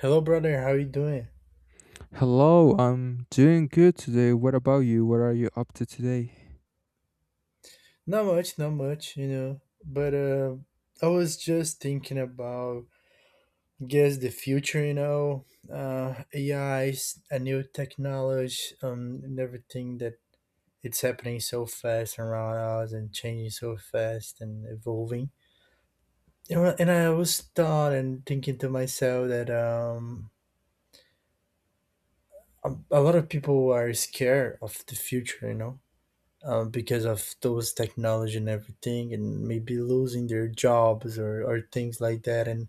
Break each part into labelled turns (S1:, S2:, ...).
S1: Hello, brother. How you doing?
S2: Hello, I'm doing good today. What about you? What are you up to today?
S1: Not much, not much, you know. But I was just thinking about, guess the future, you know, AIs, a new technology, and everything that it's happening so fast around us and changing so fast and evolving. You know, and I was thought and thinking to myself that a lot of people are scared of the future, you know, because of those technology and everything and maybe losing their jobs or things like that and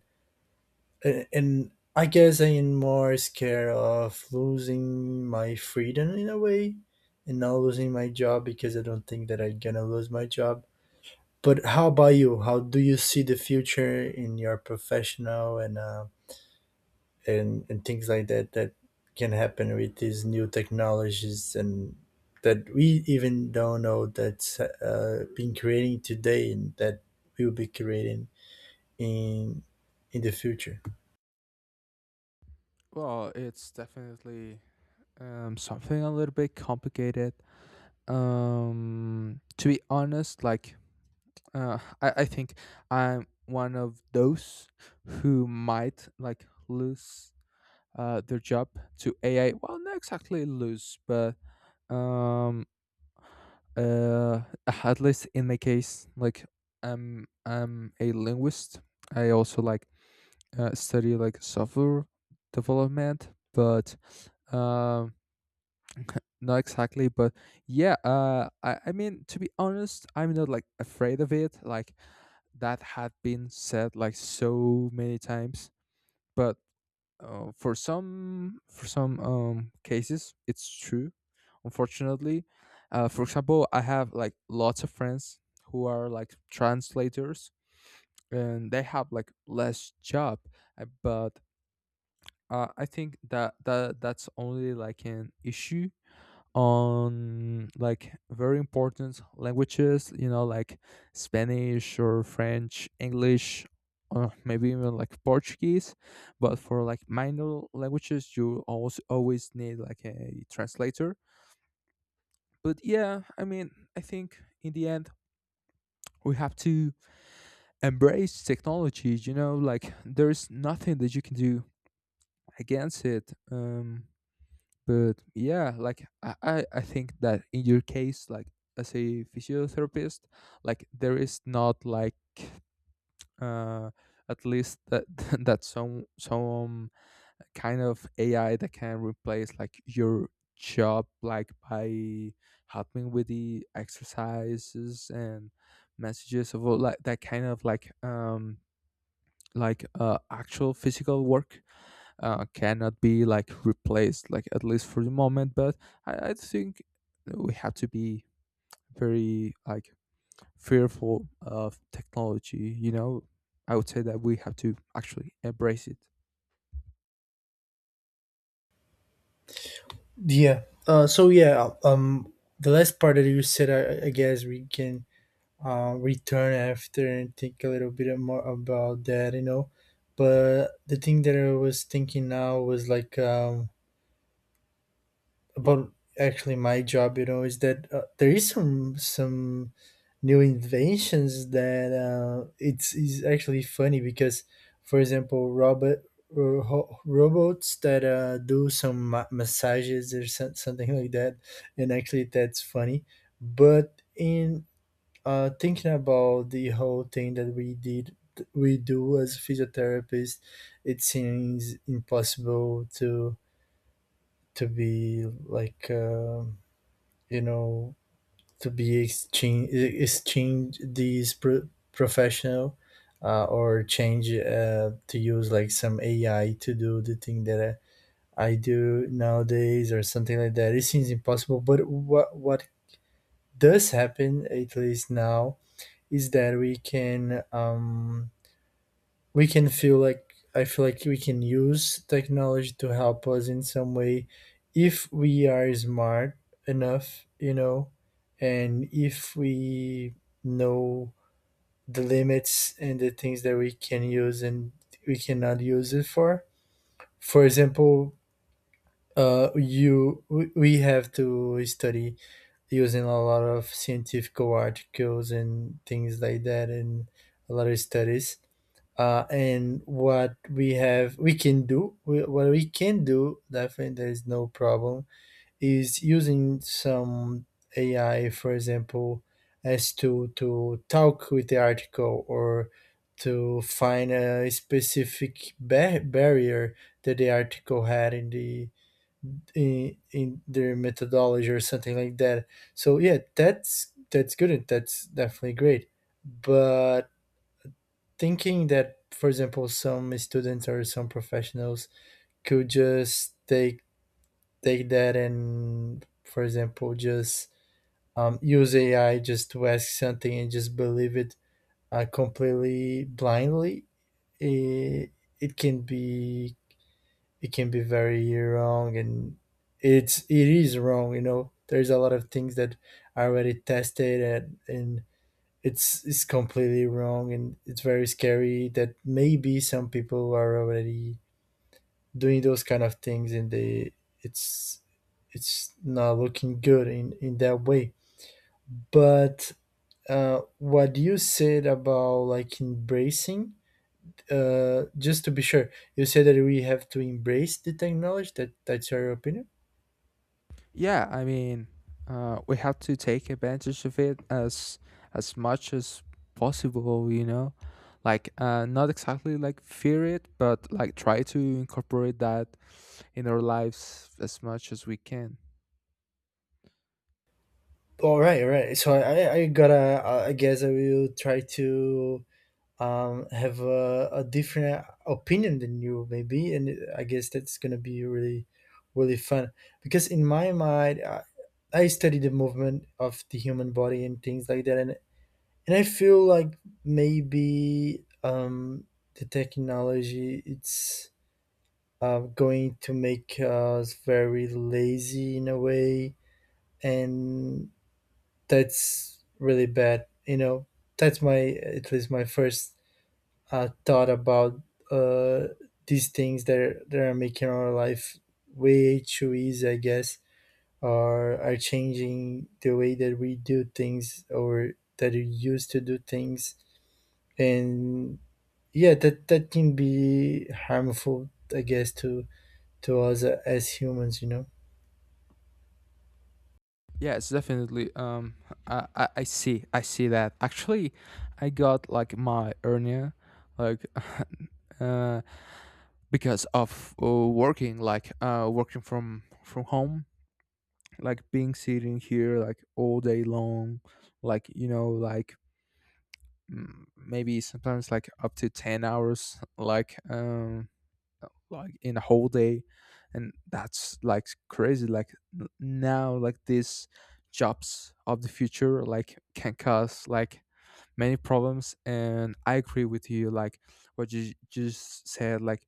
S1: and I guess I'm more scared of losing my freedom in a way and not losing my job, because I don't think that I'm gonna lose my job. But how about you? How do you see the future in your professional and and things like that, that can happen with these new technologies and that we even don't know that's been creating today and that we'll be creating in in the future?
S2: Well, it's definitely something a little bit complicated. To be honest, like uh, I think I'm one of those who might like lose their job to AI. Well, not exactly lose, but um, uh, at least in my case, like I'm a linguist. I also like study like software development, but um, not exactly. But yeah, I mean, to be honest, I'm not like afraid of it. Like that had been said like so many times, but for some cases, it's true. Unfortunately, for example, I have like lots of friends who are like translators, and they have like less job, but I think that that's only like an issue on like very important languages, you know, like Spanish or French, English, or maybe even like Portuguese. But for like minor languages, you also always need like a translator. But yeah, I mean, I think in the end we have to embrace technology. You know, like there's nothing that you can do against it. But yeah like I think that in your case like as a physiotherapist like there is not like uh at least that that some kind of ai that can replace like your job like by helping with the exercises and messages of all like that kind of like actual physical work cannot be like replaced like at least for the moment but I think we have to be very like fearful of technology, you know. I would say that we have to actually embrace it.
S1: Yeah. So yeah. The last part that you said, I guess we can return after and think a little bit more about that. You know, but the thing that I was thinking now was like about actually my job, you know, is that there is some new inventions that it's is actually funny because, for example, robots that do some massages or some, something like that. And actually that's funny. But in thinking about the whole thing that we do as physiotherapists, it seems impossible to be like you know to be exchange these professional, or change to use like some AI to do the thing that I do nowadays or something like that. It seems impossible, but what does happen at least now is that we can feel like, I feel like we can use technology to help us in some way if we are smart enough, you know, and if we know the limits and the things that we can use and we cannot use it for. For example, you we have to study using a lot of scientific articles and things like that, and a lot of studies, and what we can what we can do definitely, there is no problem, is using some AI, for example, as to talk with the article or to find a specific barrier that the article had in their methodology or something like that. So yeah, that's good and that's definitely great. But thinking that, for example, some students or some professionals could just take that and, for example, just use AI just to ask something and just believe it completely blindly, it, it can be it can be very wrong, and it is wrong. You know, there's a lot of things that are already tested, and it's completely wrong, and it's very scary that maybe some people are already doing those kind of things, and they it's it's not looking good in that way. But what you said about like embracing, just to be sure, you said that we have to embrace the technology, that that's your opinion.
S2: Yeah, I mean, we have to take advantage of it as much as possible, you know, like not exactly like fear it but like try to incorporate that in our lives as much as we can.
S1: All right, all right. So I gotta, I guess I will try to have a different opinion than you, maybe, and I guess that's going to be really really fun, because in my mind, I study the movement of the human body and things like that, and I feel like maybe the technology it's going to make us very lazy in a way, and that's really bad, you know. That's my, at least my first thought about uh, these things that are making our life way too easy, I guess, or are changing the way that we do things or that we used to do things, and yeah, that that can be harmful, I guess, to us as humans, you know.
S2: Yes, definitely. I see. I see that. Actually, I got like my hernia, like, uh, because of working, like, working from home, like being sitting here like all day long, like, you know, like, mm, maybe sometimes like up to 10 hours, like in a whole day, and that's like crazy. Like now like these jobs of the future like can cause like many problems, and I agree with you like what you just said like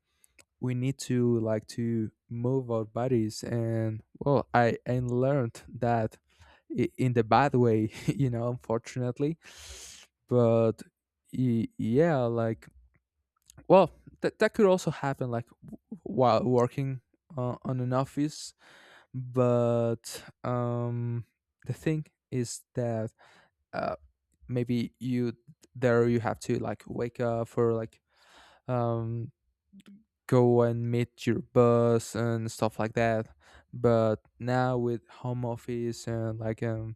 S2: we need to like to move our bodies, and well I and learned that in the bad way, you know, unfortunately. But yeah, like, well, that that could also happen like while working on an office, but the thing is that uh maybe you there you have to like wake up or like um go and meet your boss and stuff like that. But now with home office and like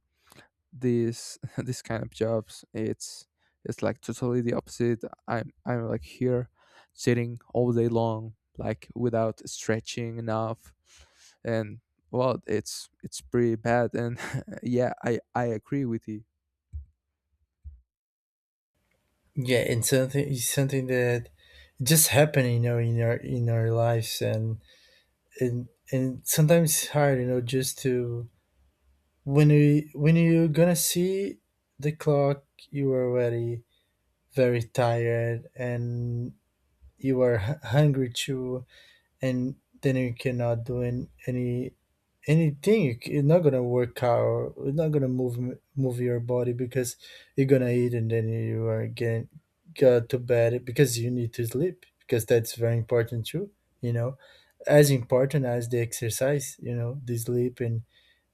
S2: this this kind of jobs, it's like totally the opposite. I'm like here sitting all day long like without stretching enough, and well, it's pretty bad, and yeah, I agree with you.
S1: Yeah, and something, it's something that just happen, you know, in our lives, and and sometimes it's hard, you know, just to, when you, when you gonna see the clock, you are very very tired, and you are hungry too, and then you cannot do anything. You're not gonna work out, you're not gonna move move your body, because you're gonna eat and then you are getting go to bed, because you need to sleep, because that's very important too, you know, as important as the exercise, you know, the sleep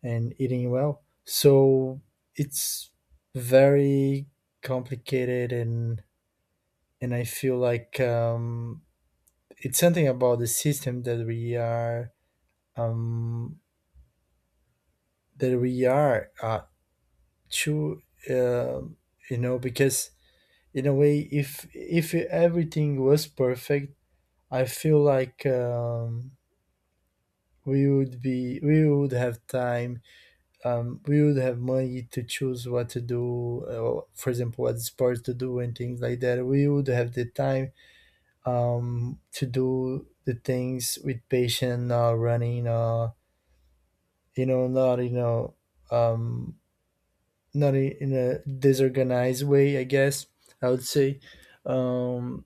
S1: and eating well. So it's very complicated, and I feel like it's something about the system um, that we are to uh, you know, because in a way, if everything was perfect, I feel like we would have time, we would have money to choose what to do, or for example, what sports to do and things like that. We would have the time to do the things with patience, running, you know, not you know, um, not in a disorganized way, I guess I would say, um,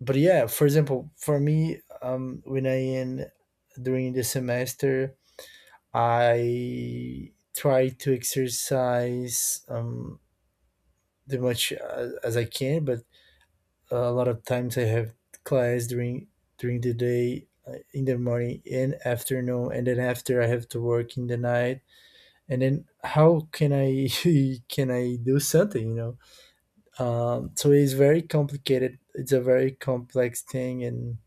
S1: but yeah. For example, for me, when I in during the semester, I try to exercise the much as I can, but a lot of times I have class during the day, in the morning and afternoon, and then after I have to work in the night. And then how can I can I do something? You know, so it's very complicated. It's a very complex thing, and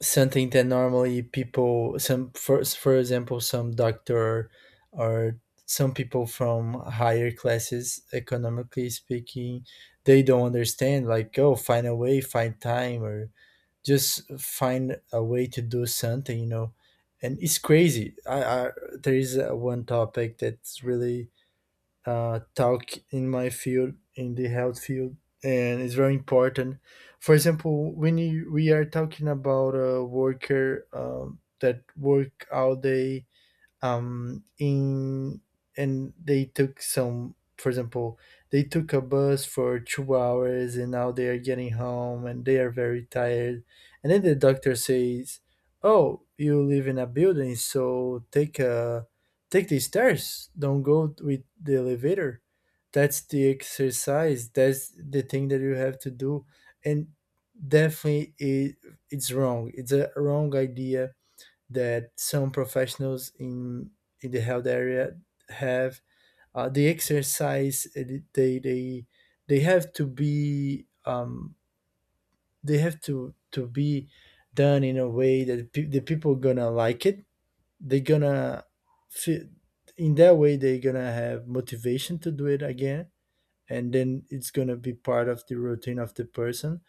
S1: something that normally people, some for example, some doctor or some people from higher classes, economically speaking, they don't understand. Like, oh, find a way, find time, or just find a way to do something, you know. And it's crazy. I, there is one topic that's really talk in my field, in the health field, and it's very important. For example, when we are talking about a worker that work all day, in and they took, some for example, they took a bus for two hours, and now they are getting home and they are very tired, and then the doctor says, oh, you live in a building, so take the stairs, don't go with the elevator, that's the exercise, that's the thing that you have to do. And definitely it's wrong, it's a wrong idea that some professionals in the health area have. The exercise, they they they have to be they have to be done in a way that the people gonna like it, they're gonna feel, in that way they're gonna have motivation to do it again, and then it's gonna be part of the routine of the person.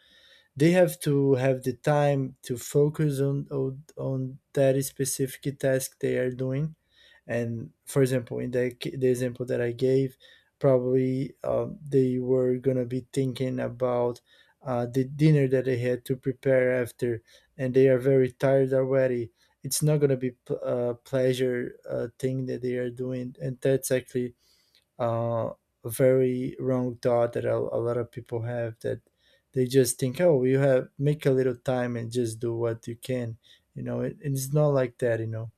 S1: They have to have the time to focus on that specific task they are doing. And for example, in the, the example that I gave, probably they were gonna be thinking about the dinner that they had to prepare after, and they are very tired already. It's not gonna be a pleasure thing that they are doing, and that's actually uh, a very wrong thought that a lot of people have, that they just think, oh, you have make a little time and just do what you can. You know, it's not like that. You know,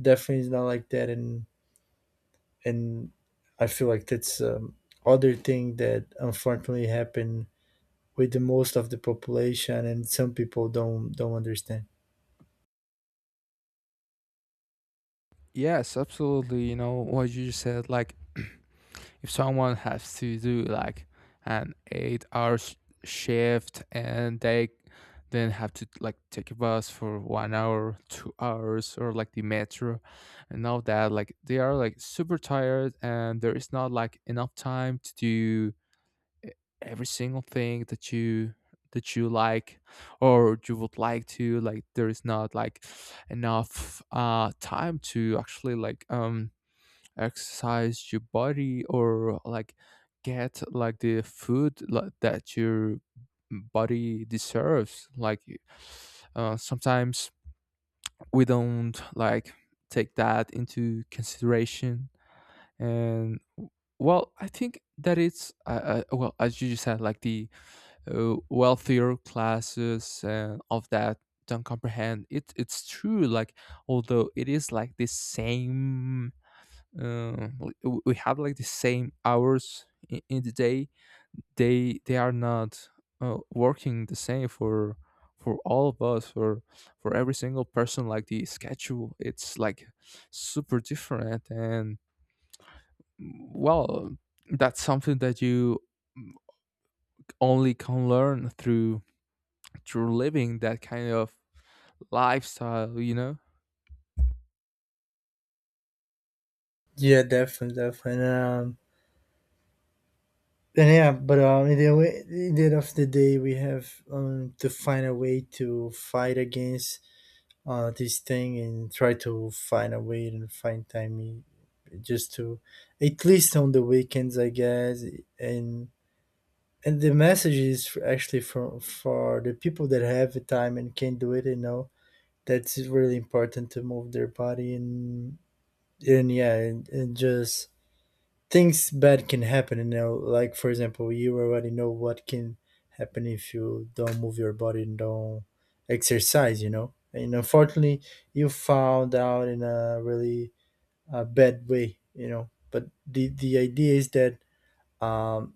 S1: definitely it's not like that. And I feel like that's other thing that unfortunately happen with the most of the population, and some people don't understand.
S2: Yes, absolutely. You know what you just said like if someone has to do like an 8 hour shift and they then have to like take a bus for 1 hour, 2 hours, or like the metro, and all that like they are like super tired, and there is not like enough time to do e- every single thing that you like, or you would like to, like there is not like enough time to actually like exercise your body or like get like the food like, that your body deserves. Like sometimes we don't like take that into consideration. And well, I think that it's well, as you just said, like the wealthier classes of that don't comprehend it. It's true, like although it is like the same, um, we have like the same hours in the day. They are not working the same for all of us, for every single person. Like the schedule it's like super different, and well, that's something that you only can learn through through living that kind of lifestyle, you know.
S1: Yeah, definitely, definitely. And yeah, but in the, way, in the end of the day, we have to find a way to fight against this thing and try to find a way and find time just to, at least on the weekends, I guess. And and the message is actually for the people that have the time and can do it. You know, that's really important to move their body and yeah, and just things bad can happen, you know, like for example, you already know what can happen if you don't move your body and don't exercise, you know. And unfortunately, you found out in a really bad way, you know. But the idea is that um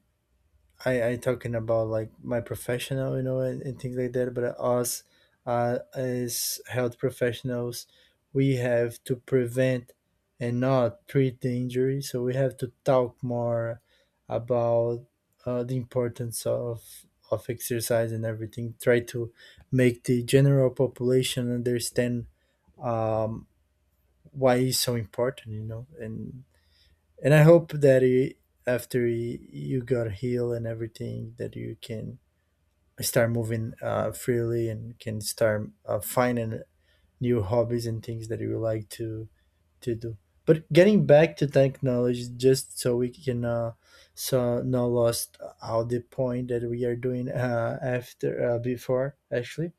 S1: I talking about like my professional, you know, and things like that. But us, as health professionals, we have to prevent and not treat the injury. So we have to talk more about the importance of exercise and everything. Try to make the general population understand, um, why it's so important, and I hope that you, after you got healed and everything, that you can start moving freely and can start finding new hobbies and things that you like to do. But getting back to technology, just so we can so not lost out the point that we are doing after before actually.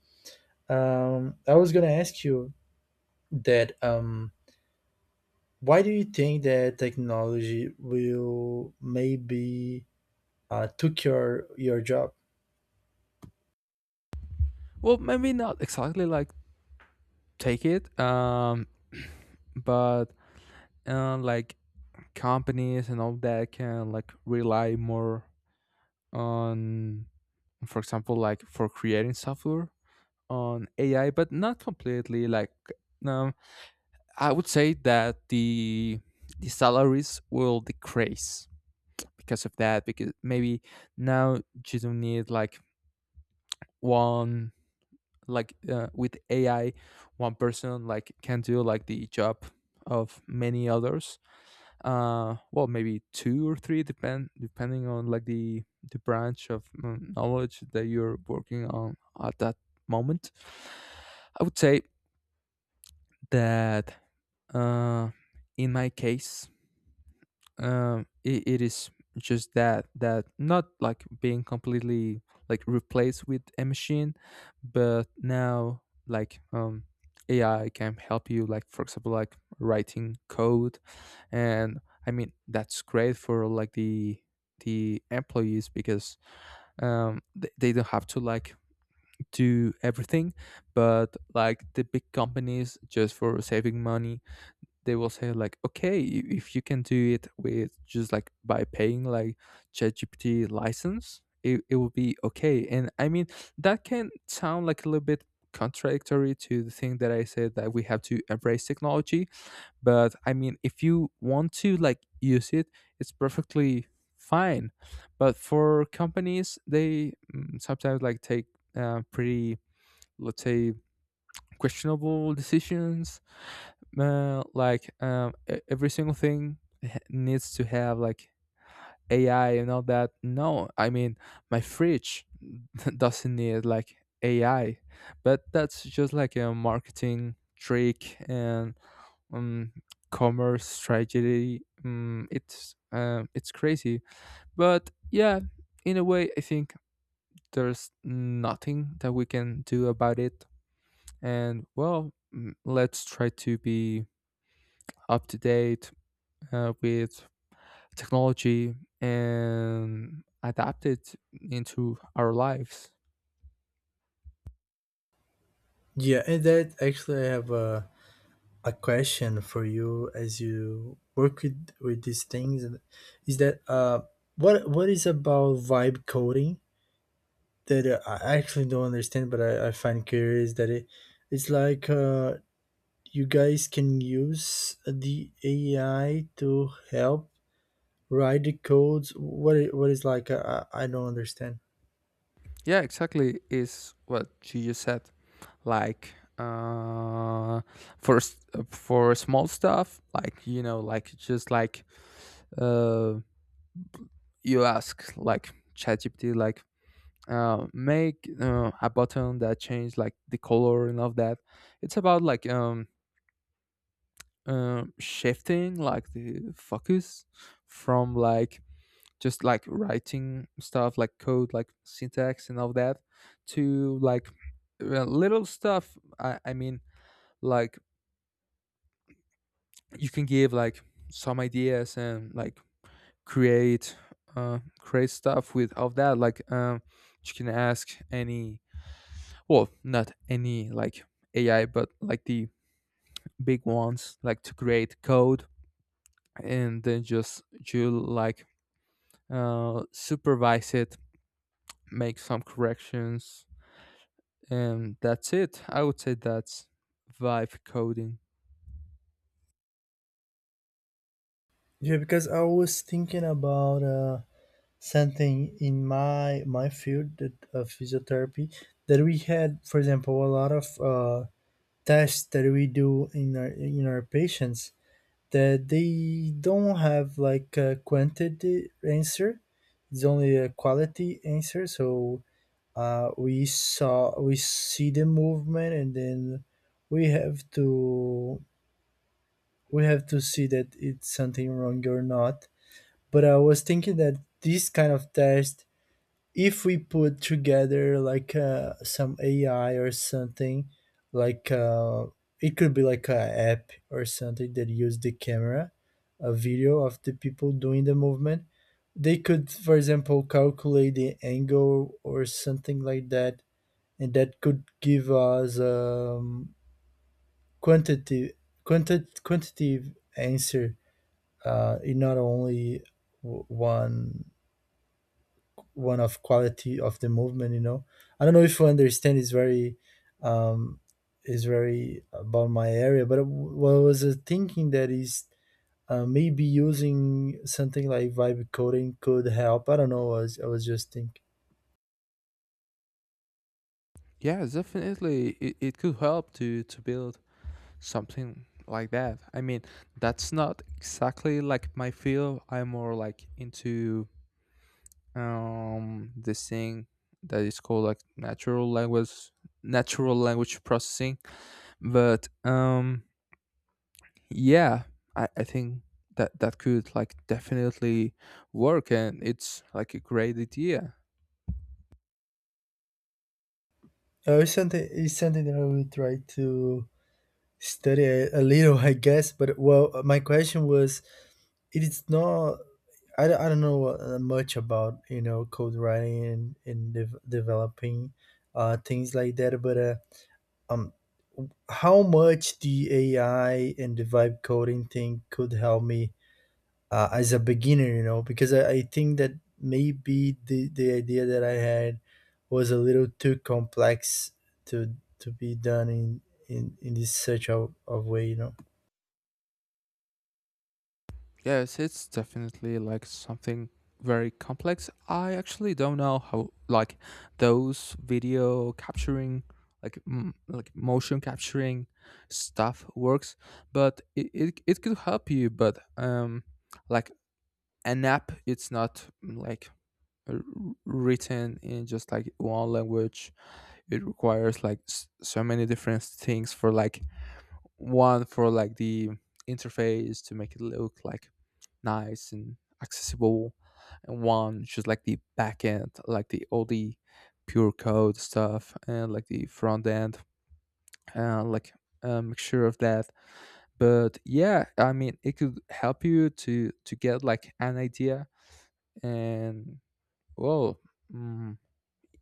S1: I was gonna ask you that why do you think that technology will maybe took your job.
S2: Well, maybe not exactly like take it but like companies and all that can like rely more on for example like for creating software on ai, but not completely like um, I would say that the salaries will decrease because of that, because maybe now you don't need like one like with ai, one person like can do like the job of many others. Well, maybe two or three, depending on like the branch of knowledge that you're working on at that moment. I would say that uh in my case it, it is just that that not like being completely like replaced with a machine, but now like ai can help you, like, for example, like writing code. And I mean, that's great for like the employees, because they don't have to like do everything. But like the big companies, just for saving money, they will say like okay if you can do it with just like by paying like ChatGPT license, it will be okay. And I mean, that can sound like a little bit contradictory to the thing that I said, that we have to embrace technology. But I mean, if you want to like use it, it's perfectly fine. But for companies, they, mm, sometimes like take pretty, let's say, questionable decisions. Like every single thing needs to have like ai and all that. No, I mean, my fridge doesn't need like ai. But that's just like a marketing trick, and um, commerce tragedy. It's it's crazy, but yeah, in a way, I think there's nothing that we can do about it. And well, mm, let's try to be up to date with technology and adapt it into our lives.
S1: Yeah, and that actually I have a question for you as you work with these things and is that what is about vibe coding that I actually don't understand, but I find curious that it's like you guys can use the AI to help write the codes. What is like I don't understand.
S2: Yeah, exactly. Is what you just said. Like for for small stuff, like, you know, like just like uh you ask like ChatGPT like make a button that change like the color and all of that. It's about like shifting like the focus from like just like writing stuff like code like syntax and all that to like little stuff. I mean, like you can give like some ideas and like create create stuff with all that. Like you can ask any, well, not any, like ai, but like the big ones like to create code, and then just you like supervise it, make some corrections, and that's it. I would say that's vibe coding.
S1: Yeah, because I was thinking about something in my field, that of physiotherapy, that we had for example a lot of tests that we do in our patients, that they don't have like a quantity answer, it's only a quality answer. So we see the movement, and then we have to we have to see that it's something wrong or not. But I was thinking that these kind of tests, if we put together like some AI or something, like it could be like a app or something that use the camera, a video of the people doing the movement. They could, for example, calculate the angle or something like that, and that could give us, quantitative, quantitative answer. In not only w- one one of quality of the movement, you know. I don't know if you understand. It's very, um is very about my area. But what I was thinking that is, maybe using something like vibe coding could help. I don't know, I was just thinking.
S2: Yeah, definitely it could help to build something like that. I mean, that's not exactly like my field. I'm more like into this thing that is called like natural language processing. But yeah, I think that that could like definitely work, and it's like a great idea.
S1: It's something that I will try to study a little, I guess. But well, my question was, it is not, I don't know much about, you know, code writing and, and developing things like that. But um how much the AI and the vibe coding thing could help me as a beginner, you know. Because I think that maybe the idea that I had was a little too complex to be done in this such a, of way, you know.
S2: Yes, it's definitely like something very complex. I actually don't know how like those video capturing like like motion capturing stuff works, but it could help you, but like an app, it's not, mm, like r- written in just like one language. It requires like so many different things, for like one for like the interface to make it look like nice and accessible. And one just like the back end, like the all the pure code stuff, and like the front end, and like a mixture of that. But yeah, I mean, it could help you to get like an idea. And well, mm,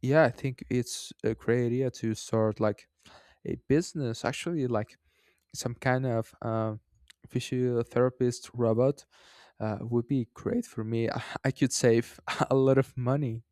S2: yeah, I think it's a great idea to start like a business. Actually, like some kind of physiotherapist robot would be great for me. I could save a lot of money.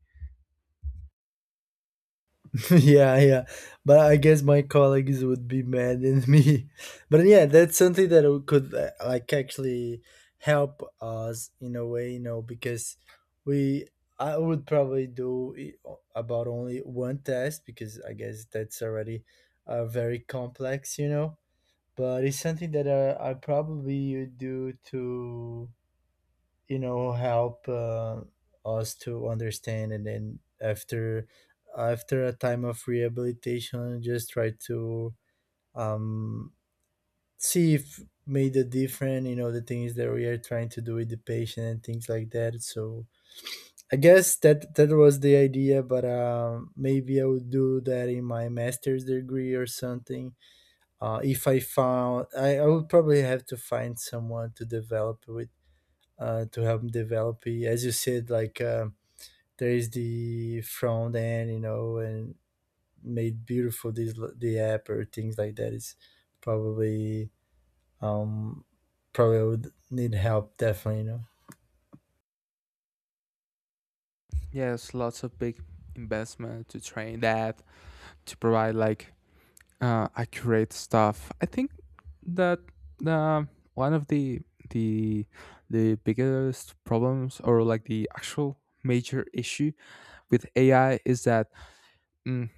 S1: Yeah, yeah. But I guess my colleagues would be mad at me. But yeah, that's something that could like actually help us in a way, you know. Because we I would probably do about only one test, because I guess that's already very complex, you know. But it's something that I probably do to, you know, help us to understand. And then after a time of rehabilitation, just try to um see if made a difference, you know, the things that we are trying to do with the patient and things like that. So I guess that that was the idea. But maybe I would do that in my master's degree or something. If I would probably have to find someone to develop with, to help develop it. As you said, like, there is the front end, you know, and made beautiful this the app or things like that is probably, um probably I would need help definitely, you know.
S2: Yes, lots of big investment to train that to provide like accurate stuff. I think that uh, one of the the the biggest problems, or like the actual major issue with AI, is that, mm,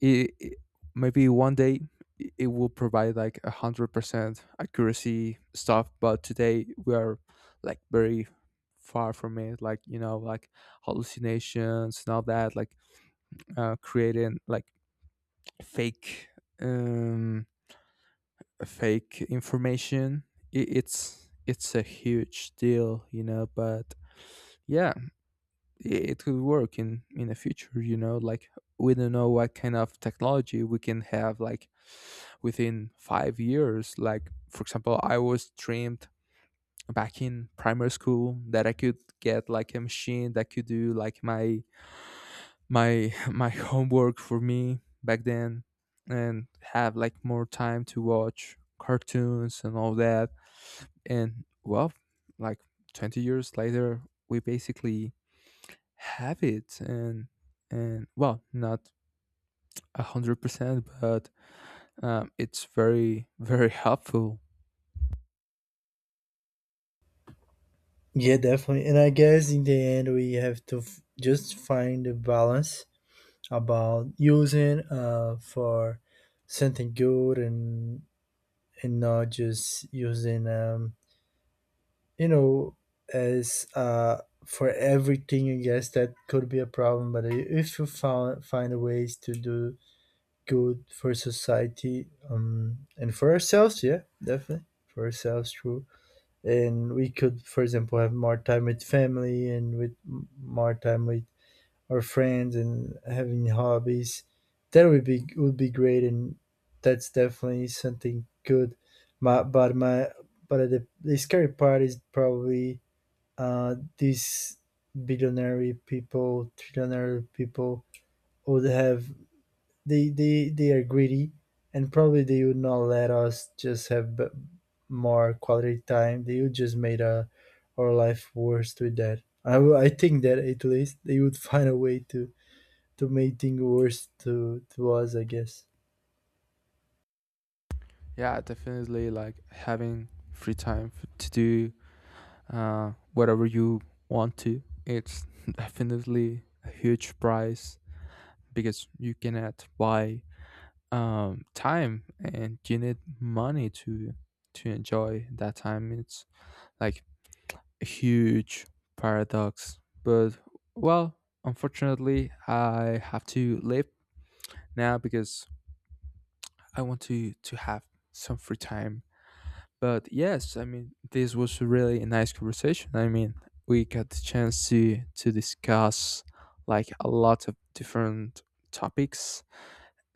S2: it, it- maybe one day it will provide like 100% accuracy stuff, but today we are like very far from it. Like, you know, like hallucinations and all that. Like creating like fake, um, fake information. It's a huge deal, you know. But yeah, it could work in the future. You know, like we don't know what kind of technology we can have like within 5 years. Like, for example, I was dreamed back in primary school that I could get like a machine that could do like my my homework for me back then, and have like more time to watch cartoons and all that. And well, like 20 years later, we basically have it. And well, not 100%, but it's very very helpful.
S1: Yeah, definitely. And I guess in the end we have to just find the balance about using for something good, and not just using, you know, as for everything. I guess that could be a problem. But if you found find ways to do good for society, and for ourselves, yeah, definitely for ourselves, true. And we could for example have more time with family, and more time with our friends and having hobbies. That would be great. And that's definitely something good. My, but my but the scary part is probably, these billionaire people, trillionaire people would have, they are greedy, and probably they would not let us just have more quality time. They would just made our life worse with that. I think that at least they would find a way to make things worse to us, I guess.
S2: Yeah, definitely like having free time to do whatever you want to. It's definitely a huge price, because you cannot buy time, and you need money to enjoy that time. It's like a huge paradox. But well, unfortunately, I have to leave now, because I want to have some free time. But yes, I mean, this was really a really nice conversation. I mean, we got the chance to discuss like a lot of different topics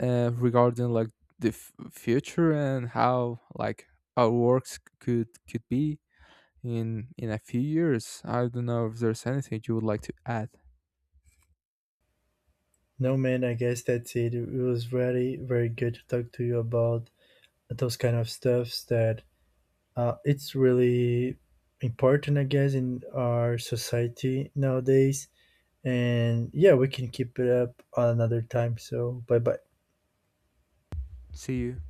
S2: regarding like the future and how like our works could be in a few years. I don't know if there's anything you would like to add.
S1: No man, I guess that's it. It was very good to talk to you about those kind of stuffs that, uh, it's really important, I guess, in our society nowadays. And yeah, we can keep it up another time. So bye bye.
S2: See you.